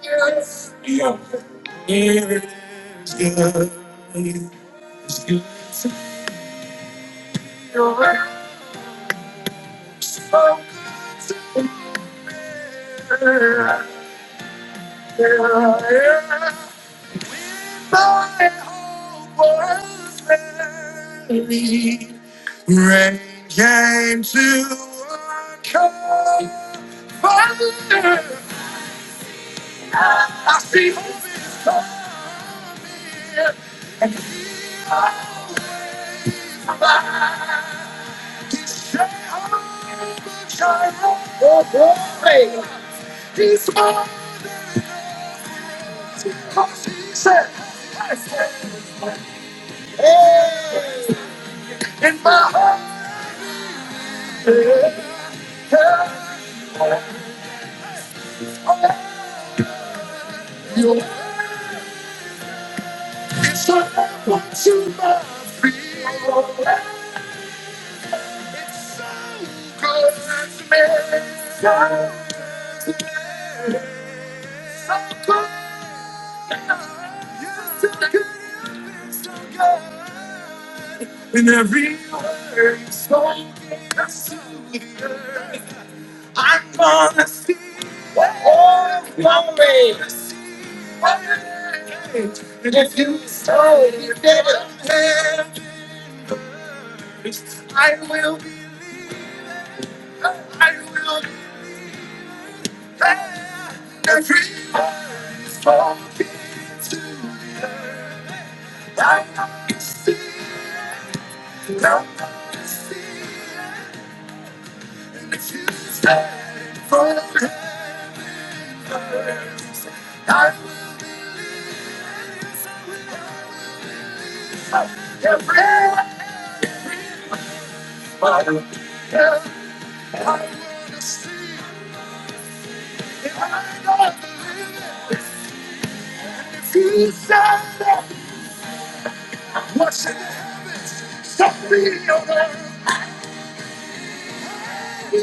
I see hope is coming, and it's alive. It's your child. Oh, glory. He's mine because he said, I said, hey, in my heart, yeah, your words are what you must be. Oh, good so good. I'm gonna see all glory. And if you sow your dead hands, I will be, I will be faithful. I will see them stand for the heavens. I will be every I will be every If you said What's it? Stop being your man. Come be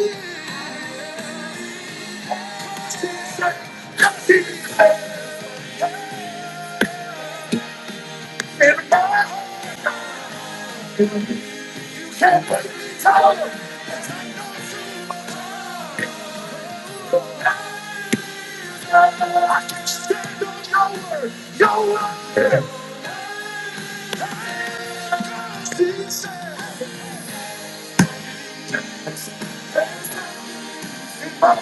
in my heart. Can't wait to tell you. I can stand on your word. Your word is in my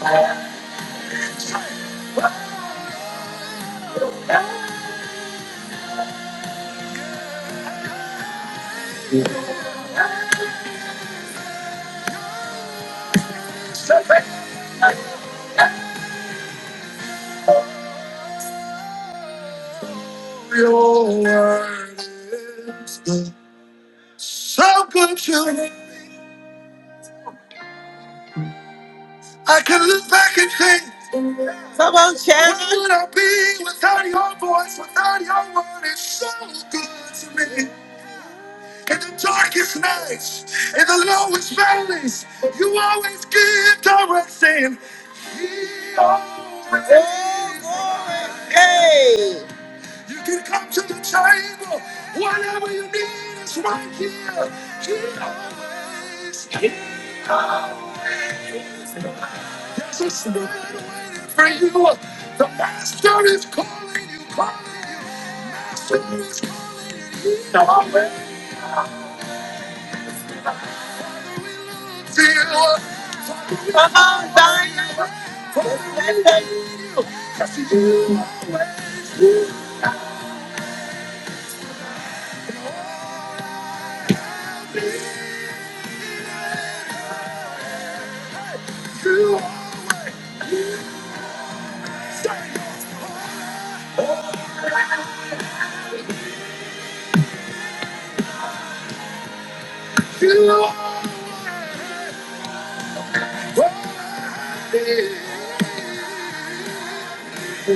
heart. And so they- I'm dying for you. 'Cause you are where you You are worthy. Oh,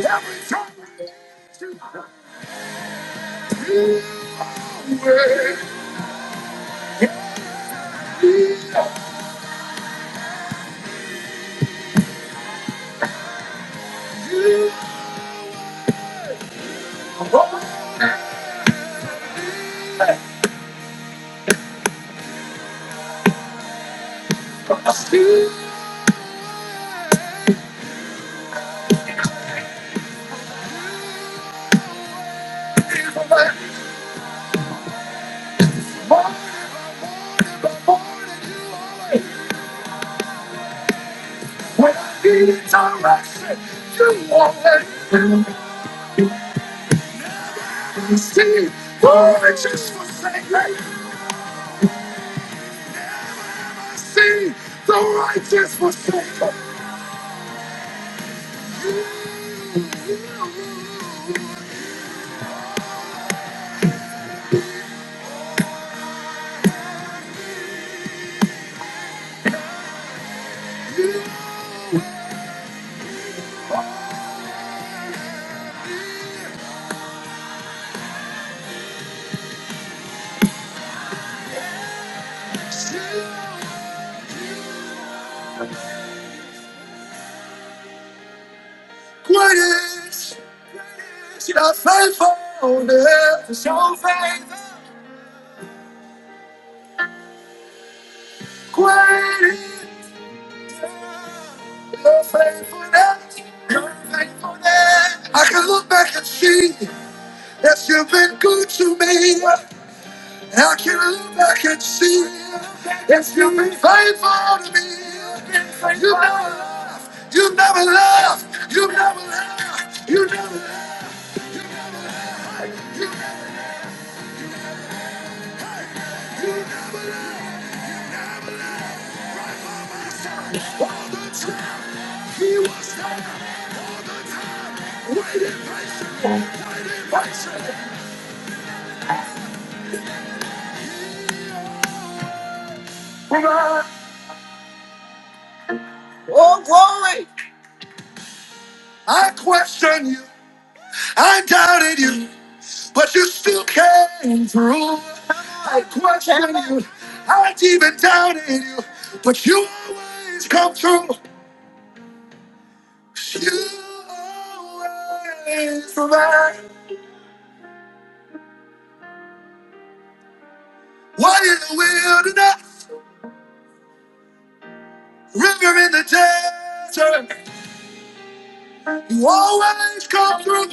glory!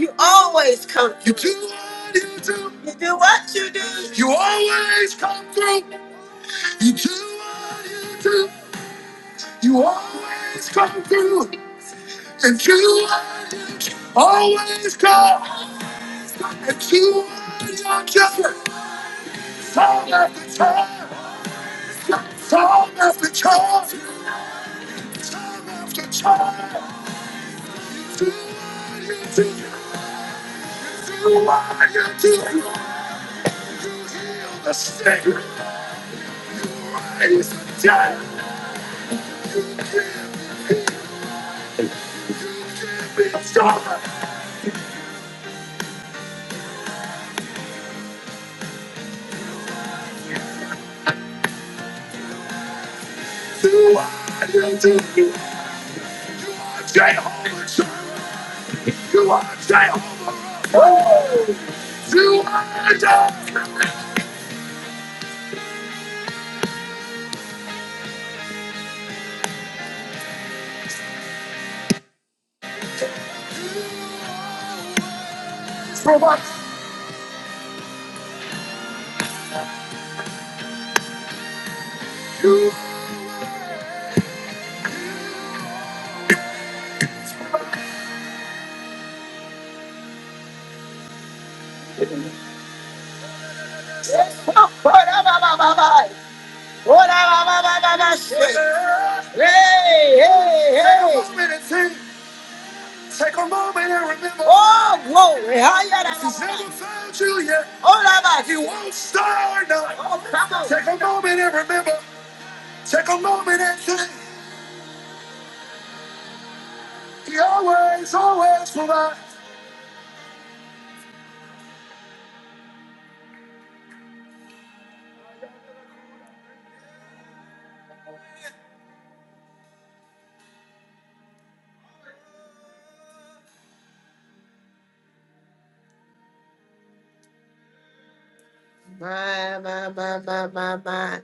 You always come. through. You always come through. you do do. what you do. You always come through, and you always come, and you are just time after time, time after time, time after time. You are your king, the snake is dead. can't Be stronger. You are your king, Jehovah. You are Jehovah. Oh, you are Jehovah. for what you Hey, hey, hey. Take a moment and remember. Oh, glory. If he's never found you yet. If you won't start now. Oh, come on. Take a moment and remember. Take a moment and think. He always, always provides. My, my, my, my, my, my.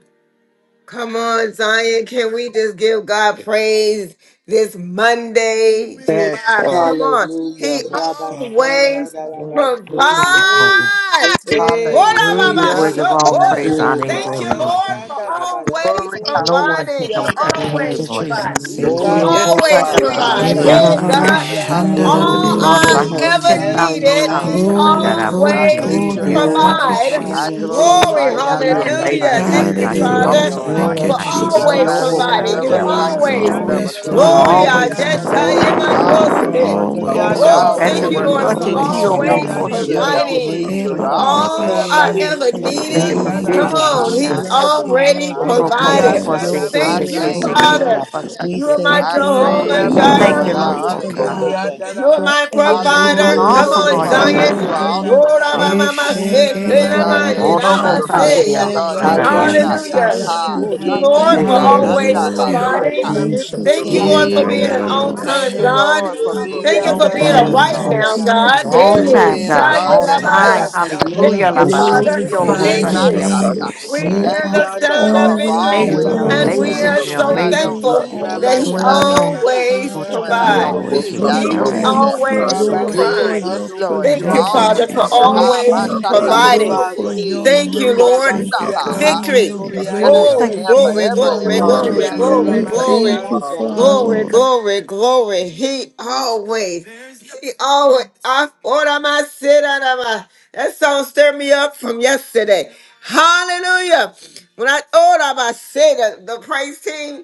Come on, Zion. Can we just give God praise this Monday, Yes, July? Lord. Come on. Hallelujah. He Yes, Lord. Glory Rabasanda always to your Lord, name, we Father believe, God. Rabasete. Holy. provides. Father, What Hey, thank up, you, hey, dear You're Baba Hallelujah. worthy Father of hey. all God, Thank for Yes, Shokore? what you, praise, so honor, and Thank Jesus. glory, you, Lord Lord, Jesus. for Ramasanda always Glory. Rabashete No one providing. can You you Hallelujah, did Robosianda compare Father. with Rabas. Thank you, always you, Yes, always Lord show God. provide. Jesus. and You yes, Thank Oh, You you. you so- Ikanda yes, won't yourself, find always out Father. of us I yourself with Eh, provide. Nalamasanda the ba, ba, Hey, praise outside. ba, you, ba, God, God. Hallelujah, Rabasorianda shanda, da, da, oh, all dee, Rabashe. Hallelujah. yes, oh, Lord, so if I hallelujah, I oh. always. had ever 10,000 Thank you, needed, He Thank tongues, you, Father. Lord Glory, God, I hallelujah. Jesus. praise I glory, you with always each bless We your and glory. Rabasanda every name. one Thank of you, them, provide. Lord glorify Rabasete I God. your Thank you, Nede Jesus. name, Glory, glorify you. I Father Lord, Jesus. you're Yes. God. Roboshanda. We magnify hallelujah. amazing, you. You're I Lord thank Thank just you, God. lift you, that You're you Thank up, kind Lord, you, Father of Hallelujah. awesome, Lord. God Lord, Lord. Lord Thank I that you, for God. that bless You you did you. are you always does. Nobody Jesus. open can providing. love the You Rabasikanda us And the like outside. always You you little always can love time, Rabashanda on always us, Father You're Lord. Lord, God, glory. provide, I and time. oh I I just always just Rabosorianda thank God. bless you. providing, tell Oh, you Lord Thank you my Rabase. God. you, you. always Thank Ajatayimanoske. you, working. Father Lord. Oh, Always You God, Oh, Yandaraba always for thank provide. you, perpetually. You working. your Lord, Lord, for Even take Sandarabo Thank Thank always when you you, we you, more mercy, don't always see provide. Lord. portion. Jesus. you, your Take Soriandaraba don't your hear providing grace, you, Yeah, perpetual you your Because, ba, help, ba, ba, Lord. ba, all always I shi. here. ever everlasting Rambasete Such a needed. Father Oh, grace. God, Thank Lord, Come you, my provision, Yandaraba I Lord on, God, We thank you, Jesus. my God. He's shut Sete love Jesus. God, you, my Lord. already Thank God, We my God. bless provided. Glory your to your Yes, Yandarama I Thank yes, name. you, holy thank you, Lord. name. Sandarama Father. Lord. We Sete You are say my Thank I you, Glory to thank your Jehovah Father. praise you, you, name. Jireh. Lord. you, I Lord, Glory Rabasete to honor Father Holy you Glory to your name. God. Father. God, today. You're Ikoriandarama for my Sete Ooh, provider. Glory everything Come to Awesome, Hallelujah, on, that Lord. you Father. God. Zion. were You are doing. awesome, Lord, Rabasandarama I'm- God. We I'm- I'm thank say, Bless your you, You're a clean Sandaraba my God mind, that Sete yet Father I'm Orobo God, cannot Eshekinarararosha. for lie. say. You're kandaria a God Thank that you, Hallelujah. will masandaria everything Ekarabasi not sati. lie. Hallelujah. that Jesus. Ha, Yandarama you Oh, Thank have you, na, ye, na, Lord, na, done Thank Yeah, for you, for yes, us. always mishananda yes, Jesus. la Hallelujah. I providing. saka. you, thank yes, Ramasandarama you, shut Thank Sete you you, I Lord, Father holy down. for Eh, do, being an my sake. God, on Yokurubusha BC, for God, thank time you, Yenarararosha. God. Lord, for I everything being Thank an you for that on Thank you, being you a Yandaraba time will Lord, I right Father. God. now bless Sandaraba do, continue God. You're to yes, Thank Hey, you on do for time, yes, in Thank being you, a God. Shaya God On our that time. never Rabaya. lives. Jesus. missed a Rabasanda Thank We beat. Hallelujah. La you. you, I Ha, shut Father. basiki Rabashete you yes, yolobo glorify yeah, down. Thank your Yandoro. my you. sandaria ma- name. shata. We You Thank hear are you, Ishandararayosaya. the Yanda sound of God, for hallelujah. victory, always, Ramasanda Amazing, always and Hallelujah. being Rabase. Yes. there, we amazing, are always, you're even when so I Ibabababashe. amazing. don't You're Thank always thankful see you, you, God, on that Lord. even He when I time, Rabasanda don't Glory. hear you, always Lord, even Father when Rabashande you I You're are Thank God. provides. so don't you. always Rabase. feel you. I good. We He know you're providing thank there. you, for You're us, always oh you're so Lord, kind. God. faithful. for Eh, provides. your yes, Rabasikando Lord, you Thank are you, Oh, Thank Boshanda you, provision. Thank Father, always you, for there. Rabase. We praise Ha, Jesus. my God. always thank Thank you, you, Thank shaka you, Lord. He's Lord, providing. a for Father. faithful your tukundade, Thank God. you, Lord. mercy Thank you, Rabasianda God. shikotundaba. and Victory. He's your Thank you. Ramosorianda Nothing Ooh, faithful. grace Thank Oh, can you. Ramase. ever, glory, and ever, your glory, ever, Hallelujah. glory, ever Glory, love. Thank change Yanda you, thank glory, that. We you, Jesus. glory, Thank you, thank glory, Ramashanda. Yeah. God, you, Father. Father glory, God. glory. glory, glory. He always, he always, I order my sit out of my, that song stirred me up from yesterday. Hallelujah. When I order my sit, the praise team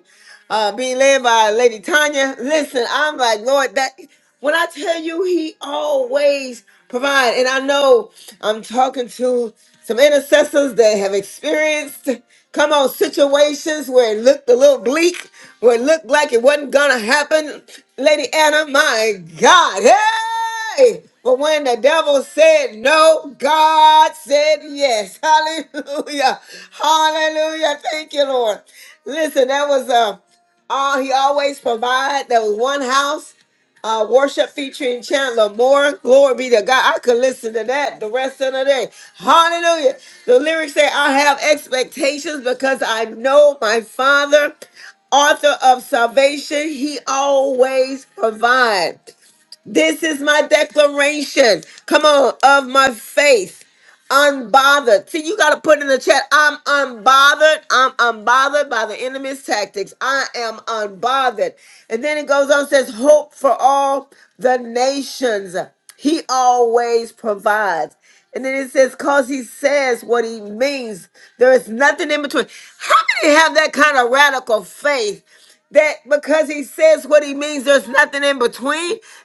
uh, being led by Lady Tanya. Listen, I'm like, Lord, that when I tell you he always provides, and I know I'm talking to some intercessors that have experienced come on situations where it looked a little bleak, where it looked like it wasn't gonna happen. Lady Anna, my God, hey! But when the devil said no, God said yes. Hallelujah. Hallelujah. Thank you, Lord. Listen, that was uh, uh, he always provide. There was one house uh, worship featuring Chandler Moore. Glory be to God. I could listen to that the rest of the day. Hallelujah. The lyrics say, I have expectations because I know my Father, author of salvation, he always provides. This is my declaration. Come on, of my faith unbothered. See, you got to put in the chat, I'm unbothered. I'm unbothered by the enemy's tactics. I am unbothered. And then it goes on, says, hope for all the nations. He always provides. And then because he said literally means there is nothing in between. How can he have that kind of radical faith that because he says what he means, there's nothing in between?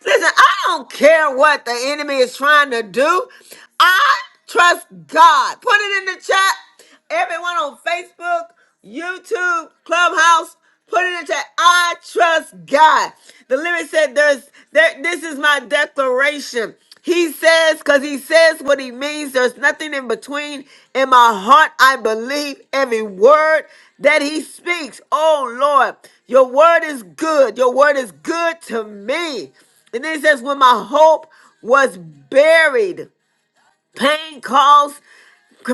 Listen, I don't care what the enemy is trying to do. I trust God. Put it in the chat. Everyone on Facebook, YouTube, Clubhouse, put it in the chat. I trust God. The lyric said, "There's there, this is my declaration. He says, because he says what he means. There's nothing in between. In my heart, I believe every word that he speaks. Oh, Lord, your word is good. Your word is good to me. And then he says, when my hope was buried, Pain calls,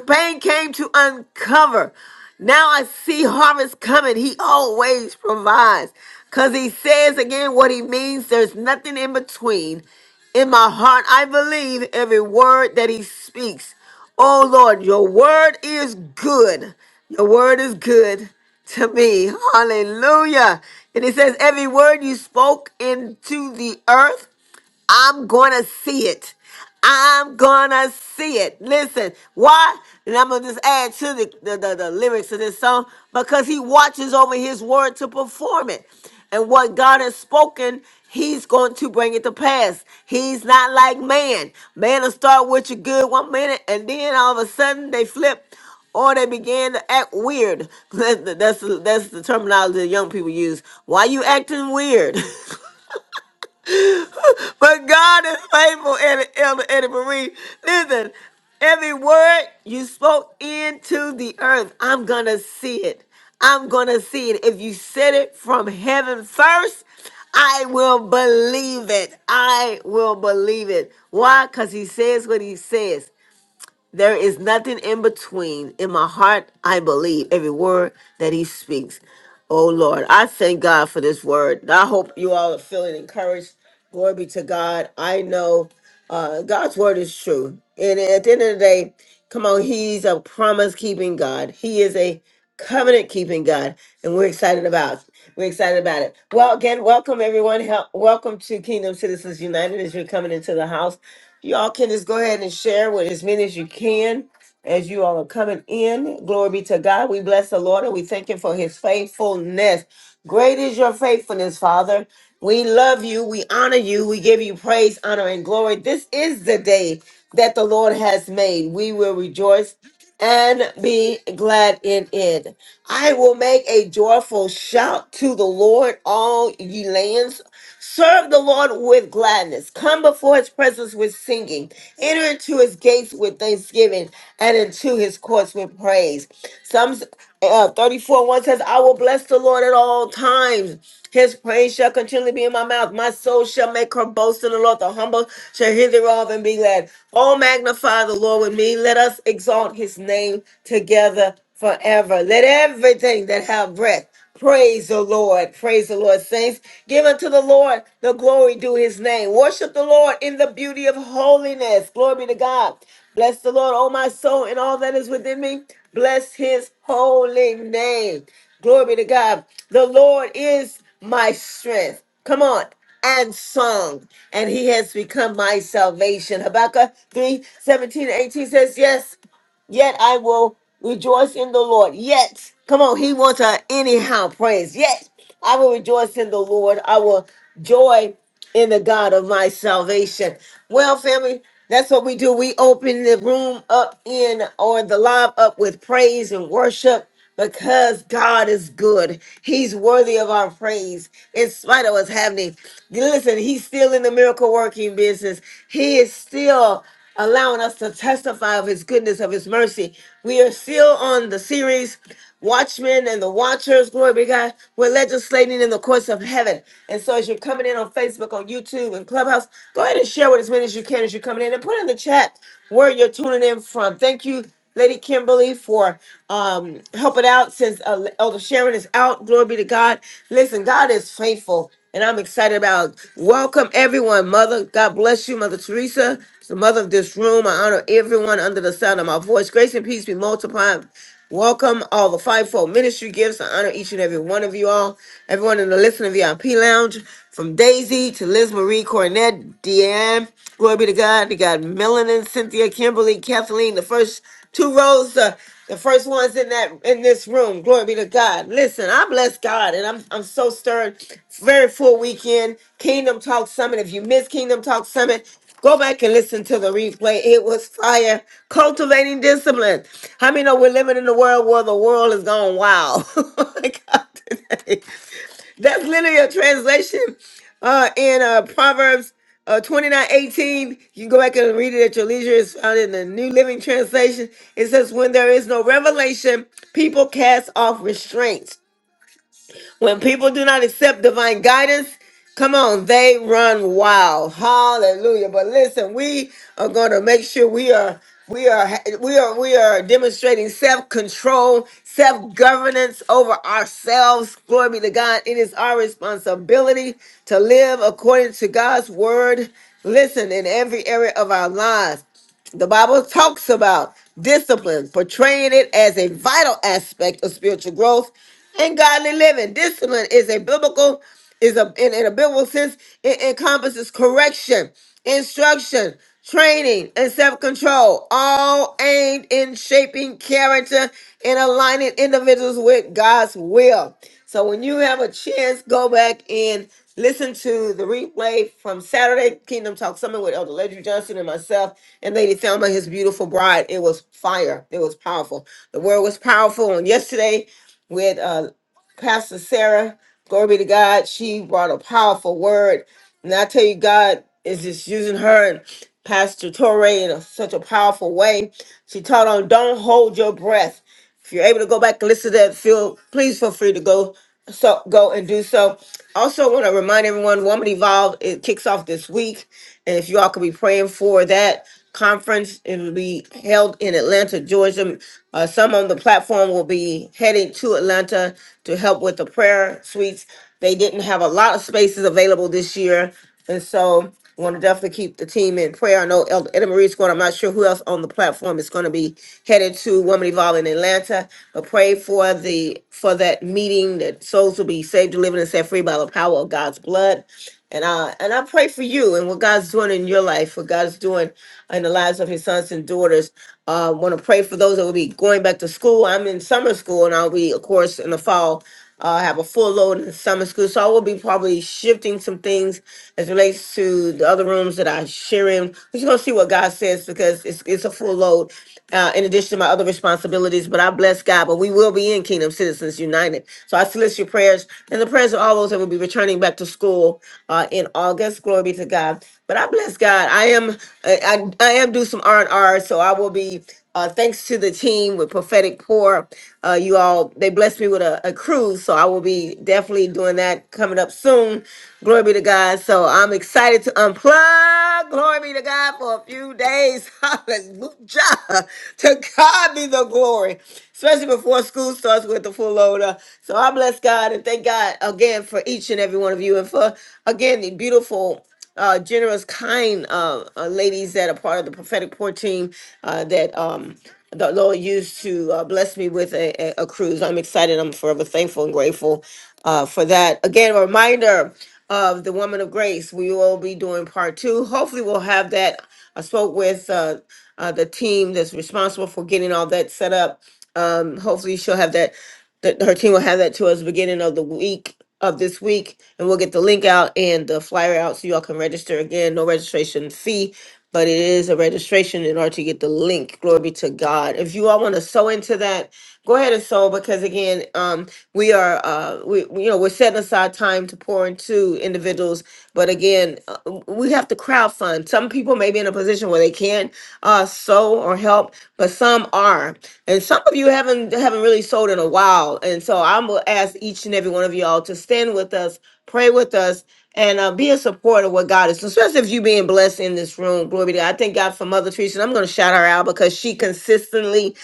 pain came to uncover. Now I see harvest coming. He always provides. Because he says again what he means. There's nothing in between. In my heart, I believe every word that he speaks. Oh Lord, your word is good. Your word is good to me. Hallelujah. And it says, every word you spoke into the earth. I'm gonna see it. I'm gonna see it. Listen, why? And I'm gonna just add to the, the, the, the lyrics of this song because he watches over his word to perform it. And what God has spoken, he's going to bring it to pass. He's not like man. Man will start with you good one minute and then all of a sudden they flip or they began to act weird. That's the, that's the, terminology that young people use. Why you acting weird? but God is faithful, Elder, Elder Eddie Marie. Listen, every word you spoke into the earth, I'm going to see it. I'm going to see it. If you said it from heaven first, I will believe it. I will believe it. Why? Because he says what he says. There is nothing in between. In my heart, I believe every word that he speaks. Oh Lord, I thank God for this word. I hope you all are feeling encouraged. Glory be to God. I know uh, God's word is true. And at the end of the day, come on, he's a promise keeping God. He is a covenant keeping God. And we're excited about we're excited about it. Well, again, welcome everyone. Help, welcome to Kingdom Citizens United as you're coming into the house. Y'all can just go ahead and share with as many as you can as you all are coming in. Glory be to God. We bless the Lord and we thank Him for His faithfulness. Great is your faithfulness, Father. We love you. We honor you. We give you praise, honor, and glory. This is the day that the Lord has made. We will rejoice and be glad in it. I will make a joyful shout to the Lord, all ye lands. Serve the Lord with gladness. Come before his presence with singing. Enter into his gates with thanksgiving and into his courts with praise. Psalms uh, 34 1 says, I will bless the Lord at all times. His praise shall continually be in my mouth. My soul shall make her boast in the Lord. The humble shall hear thereof and be glad. Oh, magnify the Lord with me. Let us exalt his name together forever. Let everything that have breath Praise the Lord. Praise the Lord, saints. Give unto the Lord the glory due his name. Worship the Lord in the beauty of holiness. Glory be to God. Bless the Lord, O my soul, and all that is within me. Bless his holy name. Glory be to God. The Lord is my strength. Come on. And song, and he has become my salvation. Habakkuk 3 seventeen, 18 says, Yes. Yet I will rejoice in the Lord. Yet, come on, he wants a anyhow praise. Yet I will rejoice in the Lord. I will joy in the God of my salvation. Well, family, that's what we do. We open the room up in or the live up with praise and worship because God is good. He's worthy of our praise in spite of what's happening. Listen, he's still in the miracle working business. He is still allowing us to testify of his goodness, of his mercy. We are still on the series watchmen and the watchers, glory be to God, we're legislating in the courts of heaven. And so as you're coming in on Facebook, on YouTube, and Clubhouse, go ahead and share with as many as you can as you're coming in and put in the chat where you're tuning in from. Thank you, Lady Kimberly, for um, helping out since uh, Elder Sharon is out. Glory be to God. Listen, God is faithful. And I'm excited about welcome everyone, Mother. God bless you, Mother Teresa the mother of this room. I honor everyone under the sound of my voice. Grace and peace be multiplied. Welcome all the fivefold ministry gifts. I honor each and every one of you all. Everyone in the listening VIP lounge, from Daisy to Liz Marie Cornette, Deanne, glory be to God. We got Melanin, Cynthia, Kimberly, Kathleen. The first two rows, uh, the first ones in that in this room. Glory be to God. Listen, I bless God, and I'm I'm so stirred. Very full weekend. Kingdom Talk Summit. If you miss Kingdom Talk Summit, Go back and listen to the replay. It was fire. Cultivating discipline. How many know we're living in a world where the world is going wild? Oh My God, today. That's literally a translation uh, in uh, Proverbs uh, 29 eighteen. You can go back and read it at your leisure. It's found in the New Living Translation. It says, When there is no revelation, people cast off restraints. When people do not accept divine guidance, come on, they run wild. Hallelujah. But listen, we are going to make sure we are we are we are we are demonstrating self-control, self-governance over ourselves. Glory be to God. It is our responsibility to live according to God's word. Listen, in every area of our lives. The Bible talks about discipline, portraying it as a vital aspect of spiritual growth and godly living. Discipline is a biblical, is a in, in a biblical sense, it encompasses correction, instruction, training, and self-control, all aimed in shaping character and aligning individuals with God's will. So when you have a chance, go back in Listen to the replay from Saturday Kingdom Talk Summit with Elder Ledru Johnson and myself and Lady Thelma, his beautiful bride. It was fire. It was powerful. The word was powerful. And yesterday with uh, Pastor Sarah, glory be to God, she brought a powerful word. And I tell you, God is just using her and Pastor Torre in a, such a powerful way. She taught on don't hold your breath. If you're able to go back and listen to that, feel please feel free to go so go and do so. Also, want to remind everyone, Woman Evolved it kicks off this week, and if you all could be praying for that, conference. It will be held in Atlanta, Georgia. Uh, some on the platform will be heading to Atlanta to help with the prayer suites. They didn't have a lot of spaces available this year, and so want to definitely keep the team in prayer. I know Elder Edna Marie's going. I'm not sure who else on the platform is going to be headed to Woman Evolve in Atlanta, but pray for the for that meeting that souls will be saved, delivered, and set free by the power of God's blood. And I and I pray for you and what God's doing in your life, what God's doing in the lives of His sons and daughters. Uh, want to pray for those that will be going back to school. I'm in summer school, and I'll be, of course, in the fall. Uh, have a full load in summer school, so I will be probably shifting some things as relates to the other rooms that I share in. We're just gonna see what God says because it's it's a full load uh, in addition to my other responsibilities, but I bless God. But we will be in Kingdom Citizens United. So I solicit your prayers and the prayers of all those that will be returning back to school uh, in August. Glory be to God. But I bless God. I am I, I, I am do some R and R, so I will be. Uh, thanks to the team with Prophetic Pour. Uh, you all, they blessed me with a, a cruise, so I will be definitely doing that coming up soon. Glory be to God. So I'm excited to unplug. Glory be to God for a few days. Hallelujah. To God be the glory, especially before school starts with the full loader. So I bless God and thank God again for each and every one of you and for, again, the beautiful uh, generous, kind uh, uh, ladies that are part of the prophetic poor team uh, that um, the Lord used to uh, bless me with a, a, a cruise. I'm excited. I'm forever thankful and grateful uh, for that. Again, a reminder of the Woman of Grace. We will be doing part two. Hopefully, we'll have that. I spoke with uh, uh, the team that's responsible for getting all that set up. Um, hopefully, she'll have that. That her team will have that to us beginning of the week of this week, and we'll get the link out and the flyer out so y'all can register again. No registration fee, but it is a registration in order to get the link. Glory be to God. If you all want to sew into that, go ahead and sew because again, um, we are uh, we we- you know we're setting aside time to pour into individuals, but again, uh, we have to crowdfund. Some people may be in a position where they can't uh, sew or help, but some are. And some of you haven't haven't really sold in a while. And so I'm gonna ask each and every one of y'all to stand with us, pray with us, and uh, be a supporter of what God is. Especially if you being blessed in this room. Glory be to God. I thank God for Mother Teresa. And I'm gonna shout her out because she consistently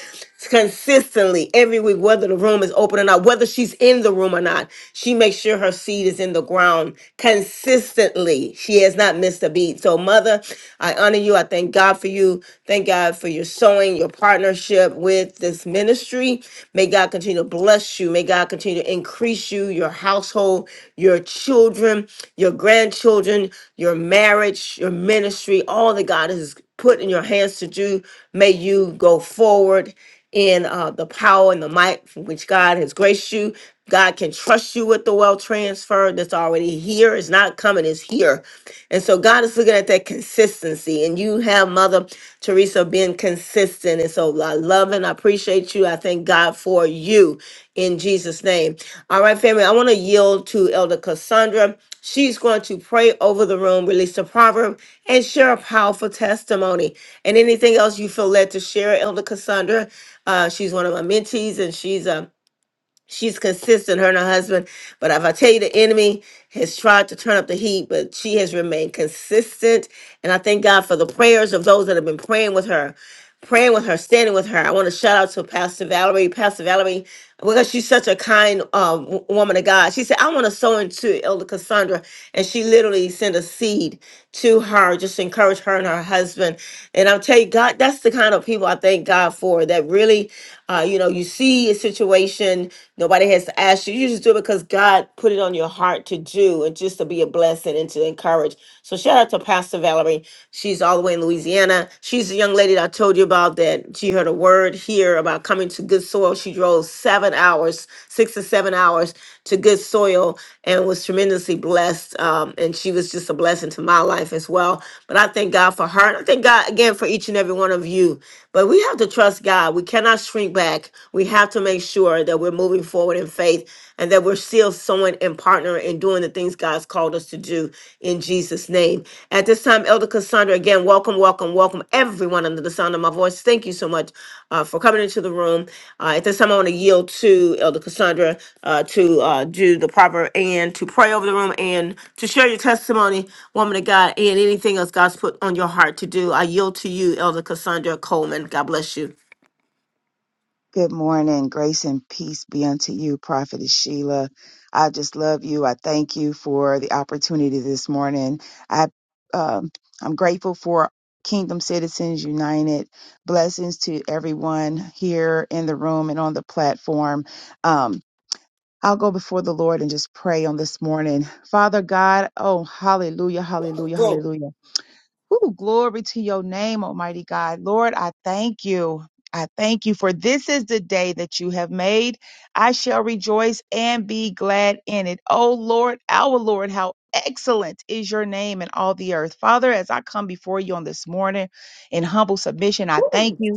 consistently every week, whether the room is open or not, whether she's in the room or not. She makes sure her seed is in the ground consistently. She has not missed a beat. So, Mother, I honor you. I thank God for you. Thank God for your sowing, your partnership with this ministry. May God continue to bless you. May God continue to increase you, your household, your children, your grandchildren, your marriage, your ministry, all that God has put in your hands to do. May you go forward in uh, the power and the might for which God has graced you. God can trust you with the wealth transfer that's already here. It's not coming, it's here. And so God is looking at that consistency. And you have Mother Teresa being consistent. And so I love and I appreciate you. I thank God for you in Jesus' name. All right, family, I want to yield to Elder Cassandra. She's going to pray over the room, release a proverb, and share a powerful testimony. And anything else you feel led to share, Elder Cassandra, uh, she's one of my mentees, and she's a she's consistent, her and her husband. But if I tell you the enemy has tried to turn up the heat, but she has remained consistent. And I thank God for the prayers of those that have been praying with her, praying with her, standing with her. I want to shout out to Pastor Valerie. Pastor Valerie, because she's such a kind uh, w- woman of God. She said, I want to sow into Elder Cassandra. And she literally sent a seed to her, just to encourage her and her husband. And I'll tell you, God, that's the kind of people I thank God for that really, uh, you know, you see a situation Nobody has to ask you. You just do it because God put it on your heart to do and just to be a blessing and to encourage. So shout out to Pastor Valerie. She's all the way in Louisiana. She's the young lady that I told you about that she heard a word here about coming to good soil. She drove seven hours, six to seven hours to good soil and was tremendously blessed. Um, and she was just a blessing to my life as well. But I thank God for her. And I thank God again for each and every one of you but we have to trust God. We cannot shrink back. We have to make sure that we're moving forward in faith and that we're still sowing and partnering and doing the things God's called us to do in Jesus' name. At this time, Elder Cassandra, again, welcome, welcome, welcome everyone under the sound of my voice. Thank you so so much uh, for coming into the room. Uh, at this time, I want to yield to Elder Cassandra uh, to uh, do the proper and to pray over the room and to share your testimony, woman of God, and anything else God's put on your heart to do. I yield to you, Elder Cassandra Coleman. God bless you. Good morning. Grace and peace be unto you, Prophetess Sheila. I just love you. I thank you for the opportunity this morning. I um, I'm grateful for Kingdom Citizens United. Blessings to everyone here in the room and on the platform. Um, I'll go before the Lord and just pray on this morning. Father God, oh hallelujah, hallelujah, Oh, hallelujah. Ooh, glory to your name, Almighty God. Lord, I thank you. I thank you for this is the day that you have made. I shall rejoice and be glad in it. Oh Lord, our Lord, how excellent is your name in all the earth. Father, as I come before you on this morning in humble submission, I thank you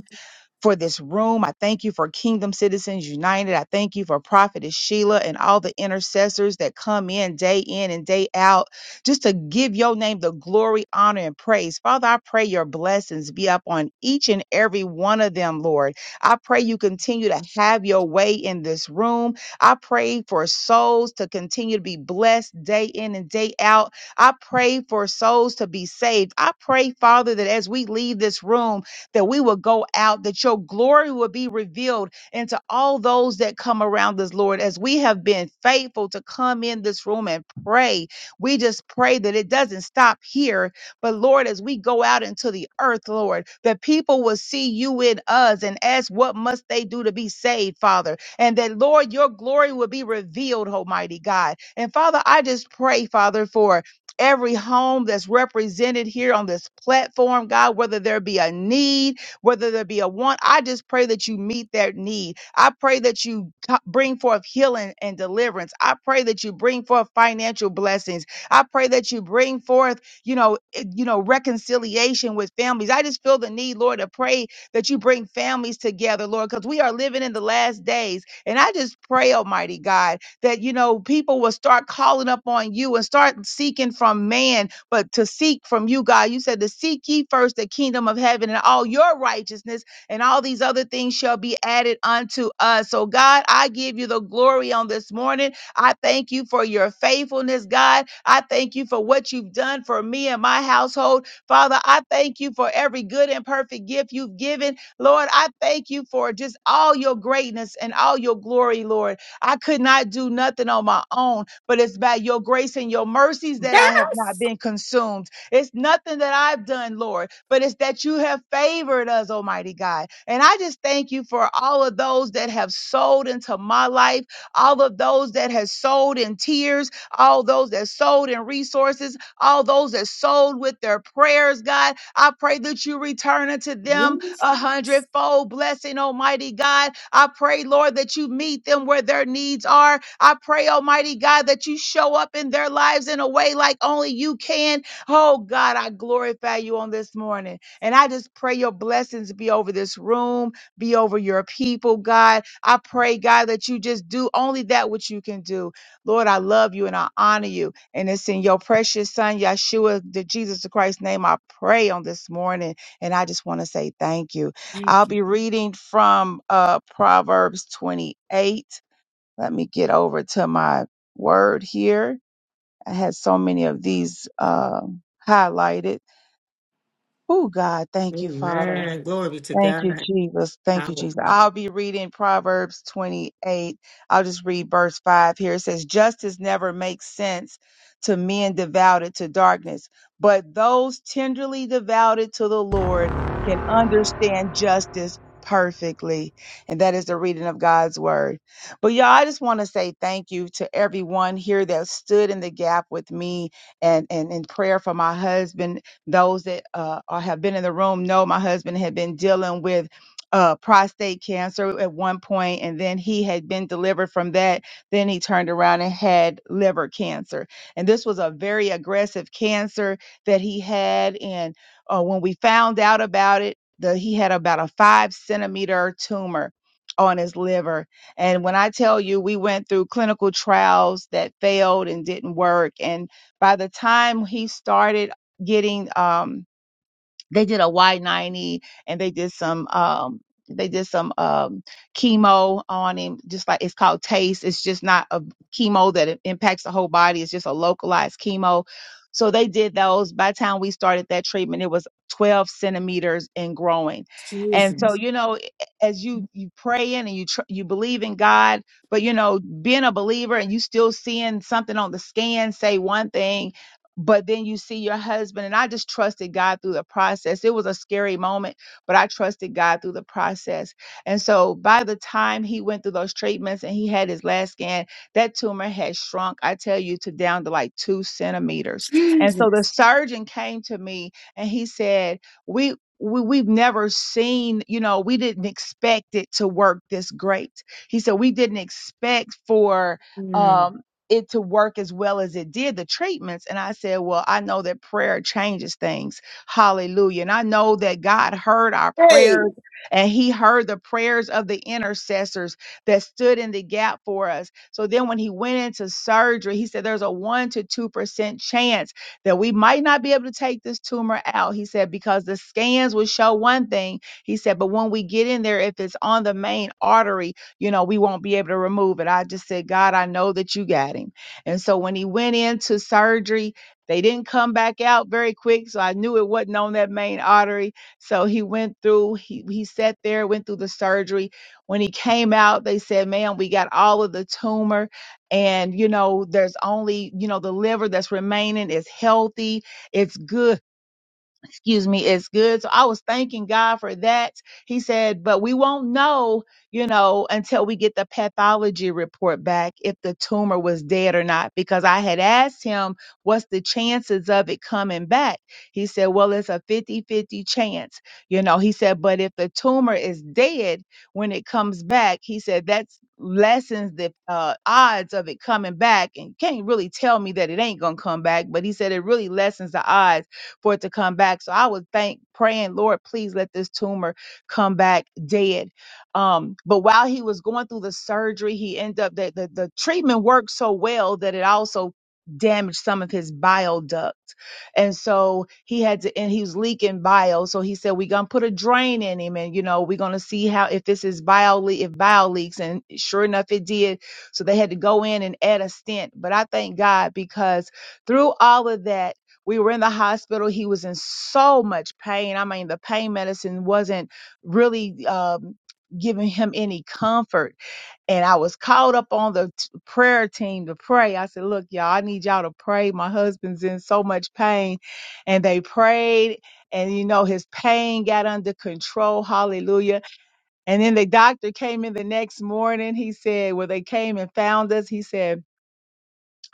for this room. I thank you for Kingdom Citizens United. I thank you for Prophetess Sheila and all the intercessors that come in day in and day out just to give your name the glory, honor, and praise. Father, I pray your blessings be up on each and every one of them, Lord. I pray you continue to have your way in this room. I pray for souls to continue to be blessed day in and day out. I pray for souls to be saved. I pray, Father, that as we leave this room, that we will go out, that your glory will be revealed into all those that come around us, Lord. As we have been faithful to come in this room and pray, we just pray that it doesn't stop here, but Lord, as we go out into the earth, Lord, that people will see you in us and ask, What must they do to be saved, Father? And that, Lord, your glory will be revealed, Almighty God. And Father, I just pray, Father, for every home that's represented here on this platform, God, whether there be a need, whether there be a want, I just pray that you meet that need. I pray that you co- bring forth healing and deliverance. I pray that you bring forth financial blessings. I pray that you bring forth, you know, eh, you know, reconciliation with families. I just feel the need, Lord, to pray that you bring families together, Lord, because we are living in the last days. And I just pray, Almighty God, that you know people will start calling up on you and start seeking from man but to seek from you god you said to seek ye first the kingdom of heaven and all your righteousness and all these other things shall be added unto us so god i give you the glory on this morning i thank you for your faithfulness god i thank you for what you've done for me and my household father i thank you for every good and perfect gift you've given lord i thank you for just all your greatness and all your glory lord I could not do nothing on my own, but it's by your grace and your mercies that I have not been consumed. It's nothing that I've done, Lord, but it's that you have favored us, Almighty God. And I just thank you for all of those that have sold into my life, all of those that have sold in tears, all those that sold in resources, all those that sold with their prayers, God. I pray that you return unto yeah. them a hundredfold blessing, Almighty God. I pray, Lord, that you meet them where their needs are. I pray, Almighty God, that you show up in their lives in a way like only you can. Oh, God, I glorify you on this morning. And I just pray your blessings be over this room, be over your people, God. I pray, God, that you just do only that which you can do. Lord, I love you and I honor you. And it's in your precious Son, Yeshua, the Jesus Christ's name, I pray on this morning. And I just want to say thank you. I'll be reading from uh, Proverbs 28. Let me get over to my word here. I had so many of these um highlighted. Oh, God, thank you, Father. Amen. Glory be to Thank you, God. Jesus. Thank you, Jesus. Powerful. I'll be reading Proverbs 28. I'll just read verse 5 here. It says, Justice never makes sense to men devoted to darkness, but those tenderly devoted to the Lord can understand justice perfectly. And that is the reading of God's word. But y'all, I just want to say thank you to everyone here that stood in the gap with me and, and in prayer for my husband those that uh, are, have been in the room know my husband had been dealing with uh, prostate cancer at one point, and then he had been delivered from that. Then he turned around and had liver cancer. And this was a very aggressive cancer that he had. And uh, when we found out about it, the, he had about a five centimeter tumor on his liver. And when I tell you, we went through clinical trials that failed and didn't work. And by the time he started getting um they did a Y90 and they did some um they did some um chemo on him just like it's called taste it's just not a chemo that it impacts the whole body it's just a localized chemo so they did those by the time we started that treatment it was 12 centimeters and growing and so Jesus. you know as you you praying and you tr- you believe in god but you know being a believer and you still seeing something on the scan say one thing but then you see your husband and i just trusted god through the process it was a scary moment but i trusted god through the process and so by the time he went through those treatments and he had his last scan that tumor had shrunk i tell you to down to like two centimeters and so the Jesus. surgeon came to me and he said we we, we've never seen, you know, we didn't expect it to work this great. He said, we didn't expect for, um it to work as well as it did the treatments. And I said, Well, I know that prayer changes things. Hallelujah. And I know that God heard our Hey. prayers and He heard the prayers of the intercessors that stood in the gap for us. So then when He went into surgery, He said, There's a one to 2% chance that we might not be able to take this tumor out. He said, Because the scans will show one thing. He said, But when we get in there, if it's on the main artery, you know, we won't be able to remove it. I just said, God, I know that you got him. And so when he went into surgery, they didn't come back out very quick. So I knew it wasn't on that main artery. So he went through, he, he sat there, went through the surgery. When he came out, they said, "Man, we got all of the tumor. And, you know, there's only, you know, the liver that's remaining is healthy. It's good excuse me, is good. So I was thanking God for that. He said, but we won't know, you know, until we get the pathology report back if the tumor was dead or not. Because I had asked him, what's the chances of it coming back? He said, well, it's a fifty-fifty chance. You know, he said, but if the tumor is dead when it comes back, he said, that's lessens the uh, odds of it coming back and you can't really tell me that it ain't gonna come back but he said it really lessens the odds for it to come back. So I was thank praying, Lord, please let this tumor come back dead. Um, but while he was going through the surgery, he ended up that the, the treatment worked so well that it also damaged some of his bile duct. And so he had to, and he was leaking bile. So he said, we're going to put a drain in him and, you know, we're going to see how, if this is bile, le- if bile leaks. And sure enough, it did. So they had to go in and add a stent. But I thank God because through all of that, we were in the hospital he was in so much pain i mean the pain medicine wasn't really um, giving him any comfort and i was called up on the t- prayer team to pray i said look y'all i need y'all to pray my husband's in so much pain and they prayed and you know his pain got under control hallelujah and then the doctor came in the next morning he said well they came and found us he said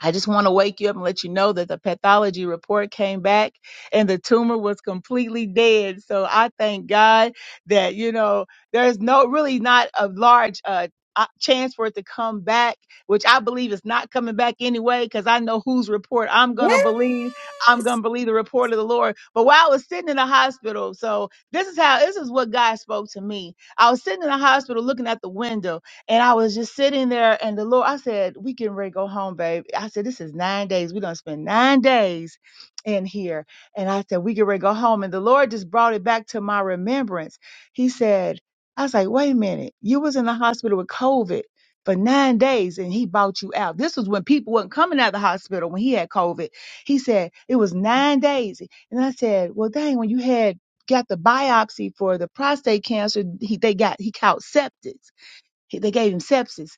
I just want to wake you up and let you know that the pathology report came back and the tumor was completely dead. So I thank God that, you know, there's no really not a large uh, o- chance for it to come back, which I believe is not coming back anyway, because I know whose report I'm going to Yes. believe. I'm going to believe the report of the Lord. But while I was sitting in the hospital, so this is how, this is what God spoke to me. I was sitting in the hospital looking at the window and I was just sitting there, and the Lord, I said, "We can ready to go home, babe." I said, "This is nine days. We're gonna spend nine days in here." And I said, "We can ready to go home." And the Lord just brought it back to my remembrance. He said, "I was like, wait a minute. You was in the hospital with COVID." For nine days, and he bought you out. This was when people wasn't coming out of the hospital when he had COVID. He said it was nine days, and I said, "Well, dang, when you had got the biopsy for the prostate cancer, he, they got he caught septic." He- They gave him sepsis.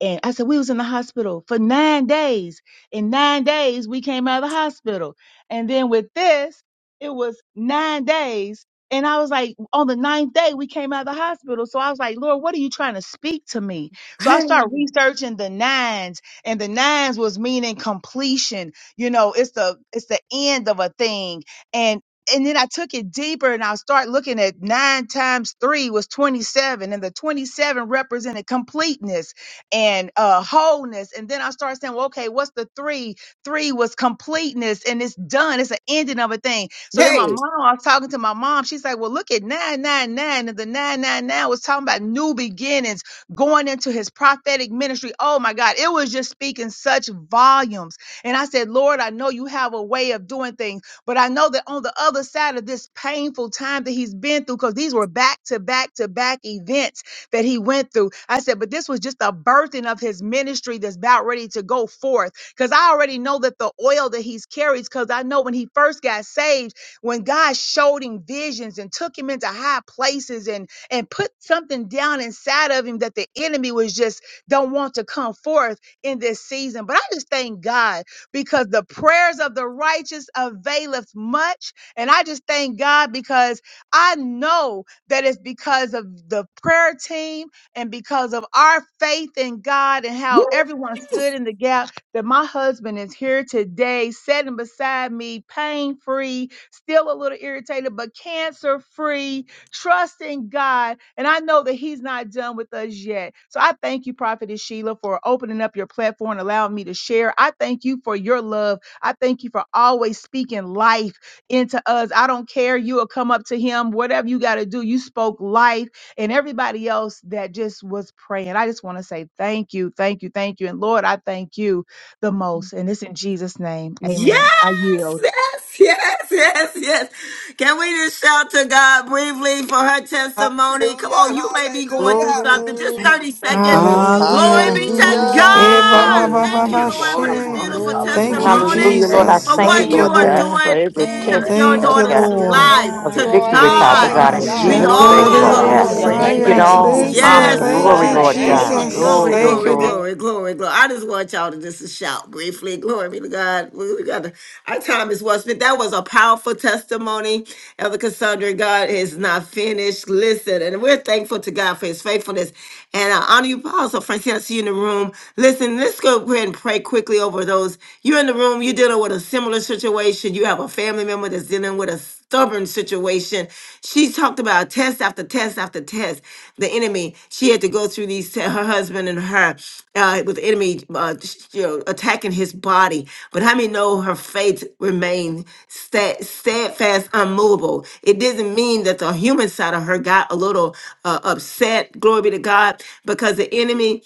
And I said, we was in the hospital for nine days. In nine days, we came out of the hospital. And then with this, it was nine days. And I was like, on the ninth day, we came out of the hospital. So I was like, Lord, what are you trying to speak to me? So I started researching the nines and the nines was meaning completion. You know, it's the, it's the end of a thing. and and then I took it deeper and I start looking at nine times three was 27 and the 27 represented completeness and uh, wholeness. And then I started saying, well, okay, what's the three? Three was completeness and it's done. It's an ending of a thing. So then my Hey. mom, I was talking to my mom. She's like, well, look at nine, nine, nine. And the nine, nine, nine was talking about new beginnings going into his prophetic ministry. Oh my God. It was just speaking such volumes. And I said, Lord, I know you have a way of doing things. But I know that on the other side of this painful time that he's been through, because these were back to back to back events that he went through, I said, but this was just a birthing of his ministry that's about ready to go forth. Because I already know that the oil that he's carries, because I know when he first got saved, when God showed him visions and took him into high places and and put something down inside of him that the enemy was just don't want to come forth in this season. But I just thank God because the prayers of the righteous availeth much. And I just thank God because I know that it's because of the prayer team and because of our faith in God and how everyone stood in the gap that my husband is here today, sitting beside me, pain free, still a little irritated, but cancer free Trust in God. And I know that He's not done with us yet. So I thank you, Prophetess Sheila, for opening up your platform and allowing me to share. I thank you for your love. I thank you for always speaking life into us. I don't care. You will come up to Him, whatever you got to do. You spoke life and everybody else that just was praying. I just want to say thank you, thank you, thank you. And Lord, I thank you the most. And it's in Jesus' name. Amen. I Yes, yield. yes, yes, yes, yes. Can we just shout to God briefly for her testimony? Come Hallelujah, on, you may be going through hallelujah. something. Just Glory. 30 Thank seconds. you, Lord. Glory Hallelujah. be to Eh, Hallelujah. ba, Thank ba, God. you, ba, Glory. ba, Thank you, Thank Hallelujah. Hallelujah. ba, you, Jesus. Lord, for Glory, Hey, this she. Jesus. glory. yes, beautiful Thank Glory, Glory you, Hallelujah. to testimony, Hallelujah, Lord. God. Thank glory, I you, Jesus. for Thank thank you, what Thank you, Father. you you, Lord are glory. Father. God, Lord. for doing every in hallelujah. Thank test. Yay, Yes, you, your God. Thank Lord. you, God. daughter's Father Yes, Hallelujah. Lord. life. Lord. Glory to of To You God. your are victory, a holy Thank Father you. name, God mighty God, Thank you, Father in God. be God. Hallelujah. Jesus' Lord. name, Glory, Father Thank you, all Lord God, the you're God. Father. Hallelujah. hallelujah. You're Glory glory. to You faithful. Thank Thank get you, you, Shagadadadiosaya. God. Thank Thank faithful. Jesus. you, you, all Thank Jesus. you, honor Jesus. and Father. Yes. You thank are glory, Hallelujah. God, you, Glory, Thank I Lord faithful, I Thank God. you. you, glory. thank To you. thank Father. Jesus. Glory, you. Jesus. God Thank You glory, you. Oh, never Thank glory, glory, glory. I just want y'all to just shout briefly. Glory be to God. We we got to, our time is well spent. That was a powerful testimony. Elder Cassandra, God is not finished. Listen, and we're thankful to God for his faithfulness. And I honor you, Apostle Francine. I see you in the room. Listen, let's go ahead and pray quickly over those. You're in the room, you're dealing with a similar situation. You have a family member that's was dealing with a stubborn situation. She talked about test after test after test. The enemy. She had to go through these. te- Her husband and her uh, with the enemy, uh, sh- you know, attacking his body. But how many know her faith remained sta- steadfast, unmovable? It didn't mean that the human side of her got a little uh, upset. Glory be to God, because the enemy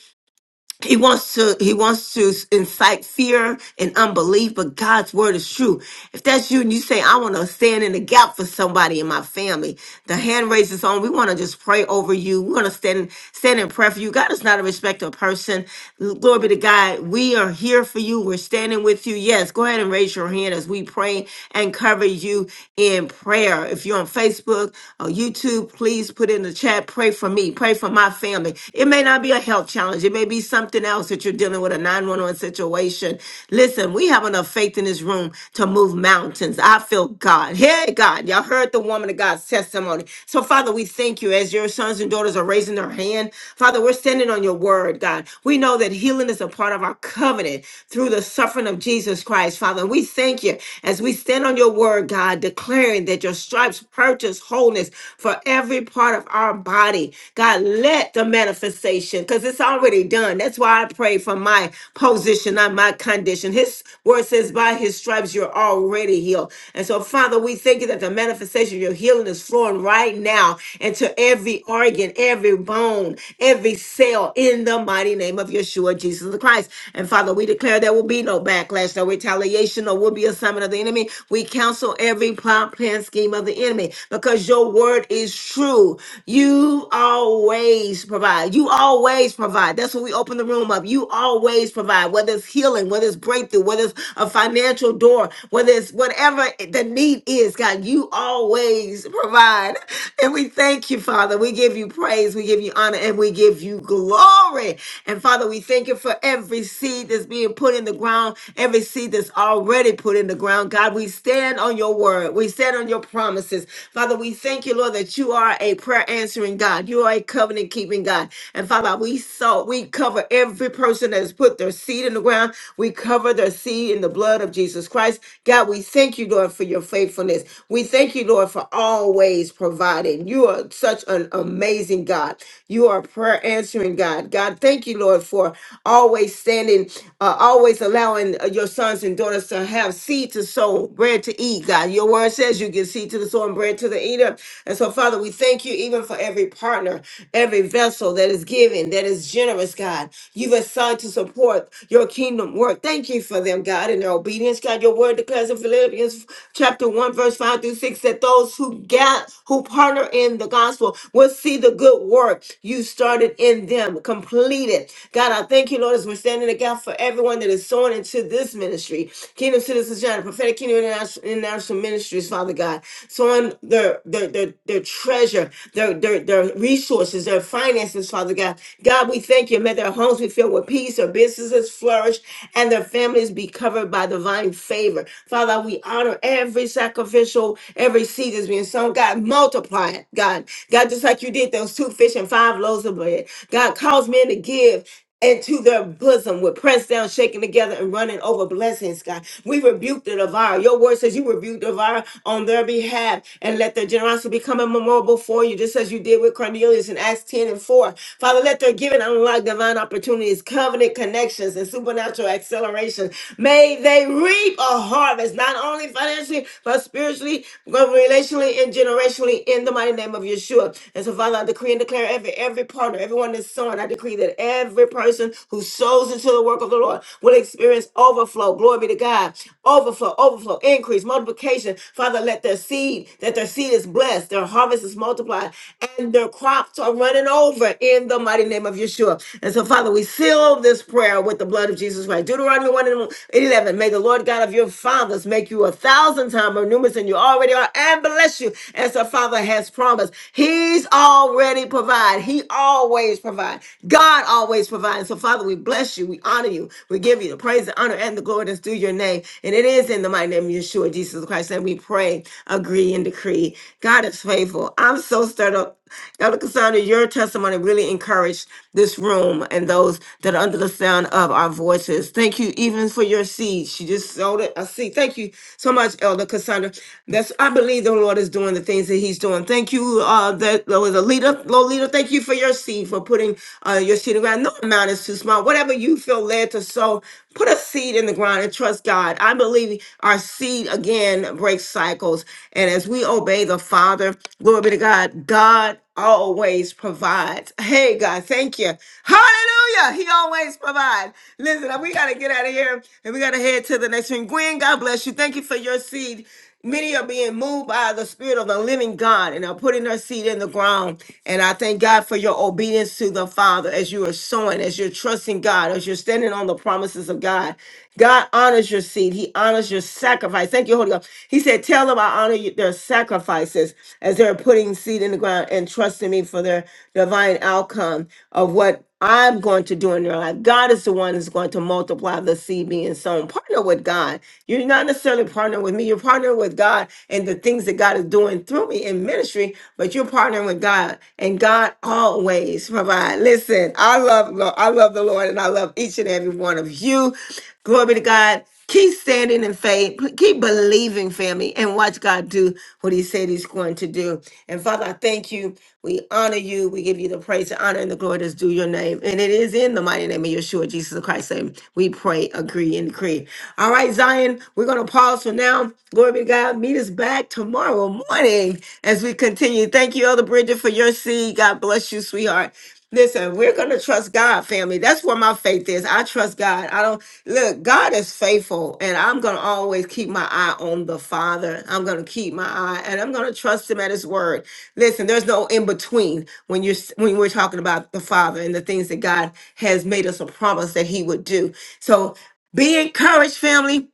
he wants to he wants to incite fear and unbelief, but God's word is true. If that's you and you say, I want to stand in the gap for somebody in my family, the hand raise is on. We want to just pray over you. We want to stand stand in prayer for you. God is not a respecter of person. Glory be to God. We are here for you. We're standing with you. Yes, go ahead and raise your hand as we pray and cover you in prayer. If you're on Facebook or YouTube, please put in the chat, pray for me, pray for my family having. It may not be a health challenge, it may be something else that you're dealing with a 911 situation. Listen, we have enough faith in this room to move mountains. I feel God. Hey, God, y'all heard the woman of God's testimony. So, Father, we thank you as your sons and daughters are raising their hand. Father, we're standing on your word, God. We know that healing is a part of our covenant through the suffering of Jesus Christ, Father. we thank you as we stand on your word, God, declaring that your stripes purchase wholeness for every part of our body. God, let the manifestation, because it's already done. That's why I pray for my position, not my condition. His word says, by his stripes, you're already healed. And so, Father, we thank you that the manifestation of your healing is flowing right now into every organ, every bone, every cell in the mighty name of Yeshua, Jesus the Christ. And Father, we declare there will be no backlash, no retaliation, or will be assignment of the enemy. We counsel every plot, plan, scheme of the enemy because your word is true. You always provide. You always provide. That's when we open the room up. You always provide, whether it's healing, whether it's breakthrough, whether it's a financial door, whether it's whatever the need is, God, you always provide. And we thank you, Father. We give you praise, we give you honor, and we give you glory. And Father, we thank you for every seed that's being put in the ground, every seed that's already put in the ground. God, we stand on your on your word. We stand on your promises. Father, we thank you, Lord, that you are a prayer answering God. You are a covenant keeping God. And Father, we saw, we cover every person that has put their seed in the ground. We cover their seed in the blood of Jesus Christ. God, we thank you, Lord, for your faithfulness. We thank you, Lord, for always providing. You are such an amazing God. You are a prayer answering God. God, thank you, Lord, for always standing, uh, always allowing uh, your sons and daughters us to have seed to sow, bread to eat, God. Your word says you give seed to the sower and bread to the eater. And so, Father, we thank you even for every partner, every vessel that is giving, that is generous, God. You've assigned to support your kingdom work. Thank you for them, God, and their obedience, God. Your word declares in Philippians chapter 1, verse 5 through 6, that those who got who partner in the gospel will see the good work you started in them completed. God, I thank you, Lord, as we're standing in the gap for everyone everyone that is sown into this ministry, Kingdom Citizens Channel, Prophetic Kingdom International, International Ministries, Father God, sowing their, their, their, their treasure, their, their, their resources, their finances, Father God. God, we thank you. May their homes be filled with peace, their businesses flourish, and their families be covered by divine favor. Father, we honor every sacrificial, every seed that's being sown. God, multiply it, God. God, just like you did those two fish and five loaves of bread. God, cause men to give into their bosom with pressed down, shaking together, and running over blessings, God. We rebuke the devourer. Your word says you rebuke the devourer on their behalf and let their generosity become a memorial for you, just as you did with Cornelius in Acts 10 and 4. Father, let their giving unlock divine opportunities, covenant connections, and supernatural acceleration. May they reap a harvest, not only financially, but spiritually, but relationally, and generationally in the mighty name of Yeshua. And so, Father, I decree and declare every every partner, everyone that's sowing, I decree that every every person who sows into the work of the Lord will experience overflow. Glory be to God. Overflow, overflow, increase, multiplication. Father, let their seed, that their seed is blessed, their harvest is multiplied, and their crops are running over in the mighty name of Yeshua. And so, Father, we seal this prayer with the blood of Jesus Christ. Deuteronomy 1 and 11. May the Lord God of your fathers make you a thousand times more numerous than you already are and bless you as the Father has promised. He's already provided. He always provides. God always providing. So, Father, we bless you. We honor you. We give you the praise, the honor, and the glory that's due your name. And it is in the mighty name of Yeshua, Jesus Christ, that we pray, agree, and decree. God is faithful. I'm so stirred up. Elder Cassandra, your testimony really encouraged this room and those that are under the sound of our voices. Thank you even for your seed. She just sowed it, a seed. Thank you so much, Elder Cassandra. That's I believe the Lord is doing the things that He's doing. Thank you, uh, that there was a leader, low leader. Thank you for your seed for putting uh, uh, your seed in the ground. No amount is too small. Whatever you feel led to sow, put a seed in the ground and trust God. I believe our seed again breaks cycles. And as we obey the Father, glory be to God, God always provides. Hey, God, thank you. Hallelujah. He always provides. Listen, we got to get out of here and we got to head to the next one. Gwen, God bless you. Thank you for your seed. Many are being moved by the Spirit of the living God and are putting their seed in the ground. And I thank God for your obedience to the Father as you are sowing, as you're trusting God, as you're standing on the promises of God. God honors your seed, He honors your sacrifice. Thank you, Holy Ghost. He said, Tell them I honor you, their sacrifices as they're putting seed in the ground and trusting me for their divine outcome of of what I'm going to do in your life. God is the one who's going to multiply the seed being sown. Partner with God. You're not necessarily partnering with me. You're partnering with God and the things that God is doing through me in ministry, but you're partnering with God. And God always provide. Listen, I love Lo- I love the Lord and I love each and every one of you. Glory be to God. Keep standing in faith. P- Keep believing, family, and watch God do what He said He's going to do. And Father, I thank you. We honor you. We give you the praise, the honor, and the glory that's due your name. And it is in the mighty name of Yeshua, Jesus Christ, name. We pray, agree, and decree. All right, Zion, we're going to pause for now. Glory be to God. Meet us back tomorrow morning as we continue. Thank you, Elder Bridget, for your seed. God bless you, sweetheart. Listen, we're going to trust God, family. That's where my faith is. I trust God. I don't look, God is faithful, and I'm going to always keep my eye on the Father. I'm going to keep my eye and I'm going to trust him at his word. Listen, there's no in between when you're s- when we're talking about the Father and the things that God has made us a promise that he would do. So be encouraged, family.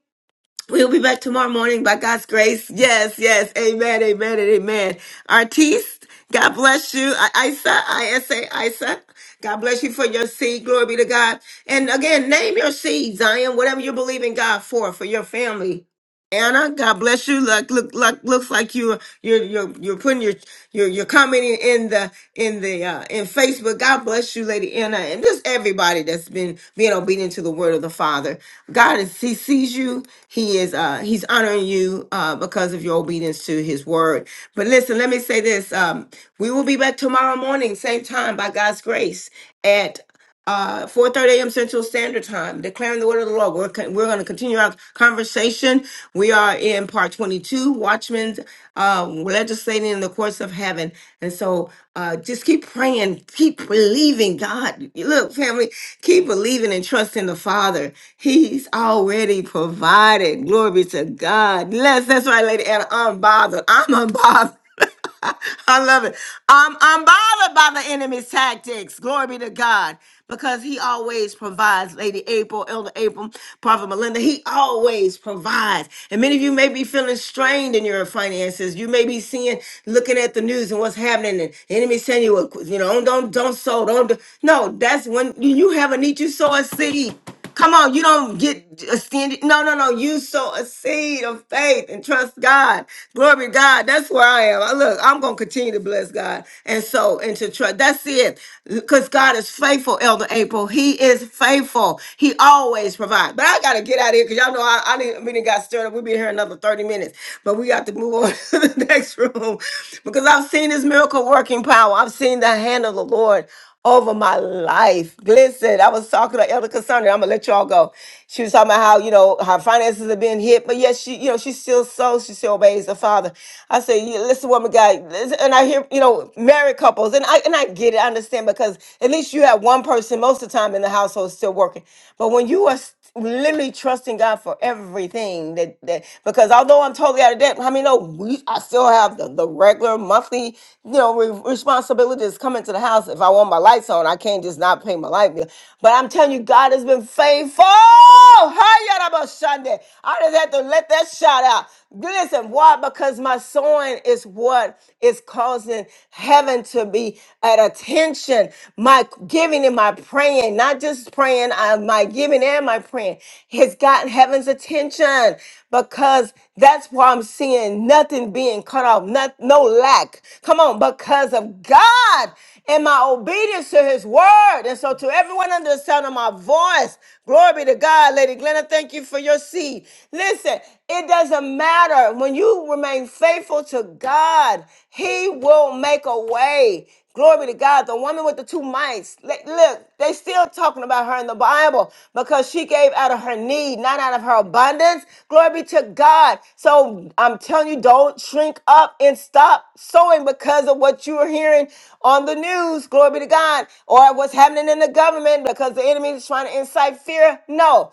We'll be back tomorrow morning by God's grace. Yes, yes. Amen, amen, and amen. Artiste, God bless you. I- Isa, I-S-A, Isa. God bless you for your seed. Glory be to God. And again, name your seed, Zion, whatever you believe in God for, for your family Anna, God bless you. Look, look, look, looks like you you're you're you're putting your your your commenting in the in the uh in Facebook. God bless you, Lady Anna, and just everybody that's been being obedient to the word of the Father. God is He sees you. He is uh He's honoring you uh because of your obedience to His word. But listen, let me say this. Um, we will be back tomorrow morning, same time by God's grace at uh, 4.30 a.m. Central Standard Time, declaring the word of the Lord. We're, con- we're going to continue our conversation. We are in part 22, Watchmen uh, legislating in the courts of heaven. And so uh, just keep praying, keep believing God. Look, family, keep believing and trusting the Father. He's already provided. Glory be to God. Yes, that's right, Lady Anna, unbothered. I'm unbothered. I love it. I'm unbothered by the enemy's tactics. Glory be to God. Because he always provides, Lady April, Elder April, Prophet Melinda, he always provides. And many of you may be feeling strained in your finances. You may be seeing, looking at the news and what's happening, and the enemy saying you, you know, don't don't don't sow, don't do. no. That's when you you have a need. You sow a seed. Come on, you don't get offended. No, no, no. You sow a seed of faith and trust God. Glory to God. That's where I am. I look, I'm gonna continue to bless God and so and to trust. That's it. Because God is faithful, Elder April. He is faithful. He always provides. But I gotta get out of here because y'all know I, I didn't we didn't got stirred up. We'll be here another 30 minutes. But we got to move on to the next room. Because I've seen his miracle working power. I've seen the hand of the Lord over my life. Listen, I was talking to Elder Cassandra. I'm gonna let y'all go. She was talking about how you know her finances have been hit, but yet she, you know, she still sows, she still obeys the Father. I say, yeah, listen, woman, guy, listen, and I hear, you know, married couples, and I and I get it, I understand because at least you have one person most of the time in the household still working, but when you are literally trusting God for everything that that because although I'm totally out of debt, I mean, no, we I still have the, the regular monthly you know re- responsibilities coming to the house. If I want my lights on, I can't just not pay my light bill. But I'm telling you, God has been faithful. Hi, Yaraba Sunday. I just had to let that shout out. Listen, why? Because my sowing is what is causing heaven to be at attention. My giving and my praying, not just praying, I, my giving and my praying has gotten heaven's attention because that's why I'm seeing nothing being cut off, not, no lack. Come on, because of God and my obedience to his word. And so to everyone under the sound of my voice, glory be to God. Lady Glenna, thank you for your seed. Listen, it doesn't matter. When you remain faithful to God, he will make a way. Glory be to God. The woman with the two mites. li- Look, they still still talking about her in the Bible because she gave out of her need, not out of her abundance. Glory be to God. So I'm telling you, don't shrink up and stop sowing because of what you are hearing on the news. Glory be to God. Or what's happening in the government because the enemy is trying to incite fear. No.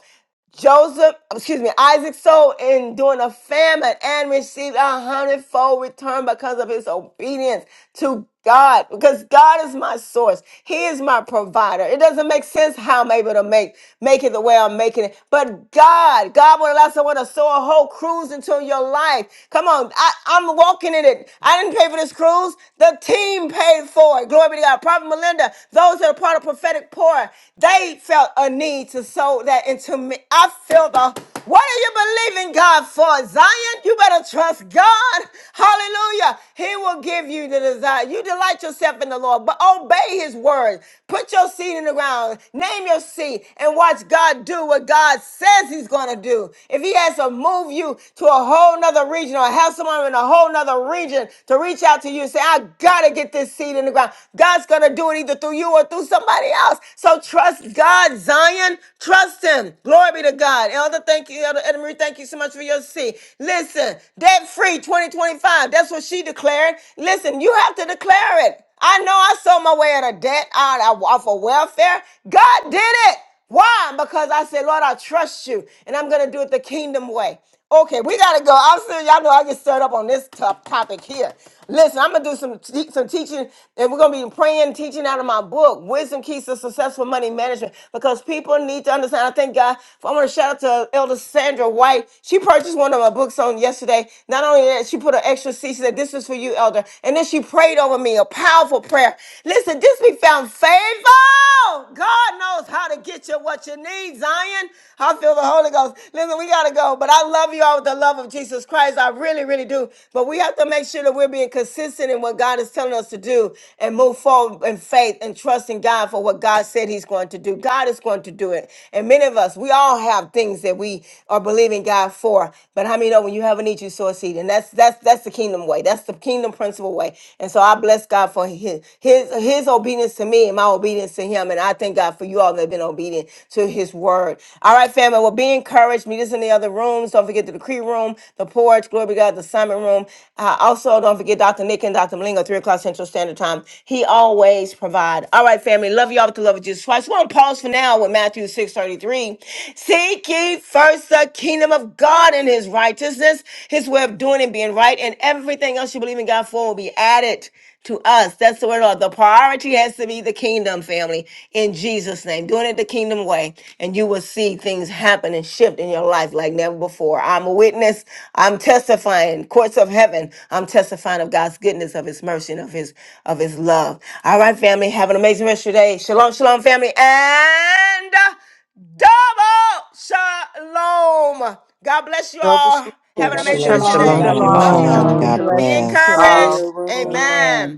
Joseph, excuse me, Isaac sold in during a famine and received a hundredfold return because of his obedience to God. Because God is my source. He is my provider. It doesn't make sense how I'm able to make make it the way I'm making it. But God, God will allow someone to sow a whole cruise into your life. Come on. I, I'm walking in it. I didn't pay for this cruise. The team paid for it. Glory be to God. Prophet Melinda, those that are part of prophetic pour word. They felt a need to sow that into me. I feel the what are you believing God for? Zion, you better trust God. Hallelujah. He will give you the desire. You delight yourself in the Lord, but obey his word. Put your seed in the ground. Name your seed and watch God do what God says he's going to do. If he has to move you to a whole nother region or have someone in a whole nother region to reach out to you and say, I got to get this seed in the ground. God. God's going to do it either through you or through somebody else. So trust God, Zion. Trust Him. Glory be to God. Elder, thank you. Elder Edna Marie, thank you so much for your seat. Listen, debt free 2025. That's what she declared. Listen, you have to declare it. I know I sold my way out of debt, out of, off of welfare. God did it. Why? Because I said, Lord, I trust you and I'm going to do it the kingdom way. Okay, we got to go. I'm serious. Y'all know I get stirred up on this tough topic here. Listen, I'm going to do some, te- some teaching and we're going to be praying, teaching out of my book, Wisdom Keys to Successful Money Management, because people need to understand. I thank God. I want to shout out to Elder Sandra White. She purchased one of my books on yesterday. Not only that, she put an extra seat. She said, This is for you, Elder. And then she prayed over me a powerful prayer. Listen, this be found faithful. God knows how to get you what you need, Zion. I feel the Holy Ghost. Listen, we got to go, but I love you all with the love of Jesus Christ. I really, really do. But we have to make sure that we're being consistent in what God is telling us to do and move forward in faith and trusting God for what God said He's going to do. God is going to do it. And many of us, we all have things that we are believing God for. But how many know when you have a need, you sow a seed? And that's that's that's the kingdom way. That's the kingdom principle way. And so I bless God for his his his obedience to me and my in my obedience to him. And I thank God for you all that have been obedient to his word. All right, family. Well, be encouraged. Meet us in the other rooms. Don't forget the decree room, the porch, glory be to God, the Simon room. Uh, also, don't forget Dr. Nick and Dr. Malingo, 3 o'clock Central Standard Time. He always provide. All right, family. Love y'all with the love of Jesus Christ. We're going to pause for now with Matthew 6.33. Seek ye first the kingdom of God and his righteousness, his way of doing and being right, and everything else you believe in God for will be added to us. That's the word. Lord. The priority has to be the kingdom family in Jesus' name. Doing it the kingdom way, and you will see things happen and shift in your life like never before. I'm a witness. I'm testifying. Courts of heaven. I'm testifying of God's goodness, of His mercy, and of His of His love. All right, family. Have an amazing rest of your day. Shalom, shalom, family, and. Double shalom. God bless you Double all. Have an shalom. Double amazing Shalom, rest of your shalom. Shalom, Shalom, day. Love you Shalom, shalom. Love all. shalom. you Peace shalom. all. Shalom, and shalom. God shalom. Be blessings to bless. encouraged. all. Fire room. Amen. Amen.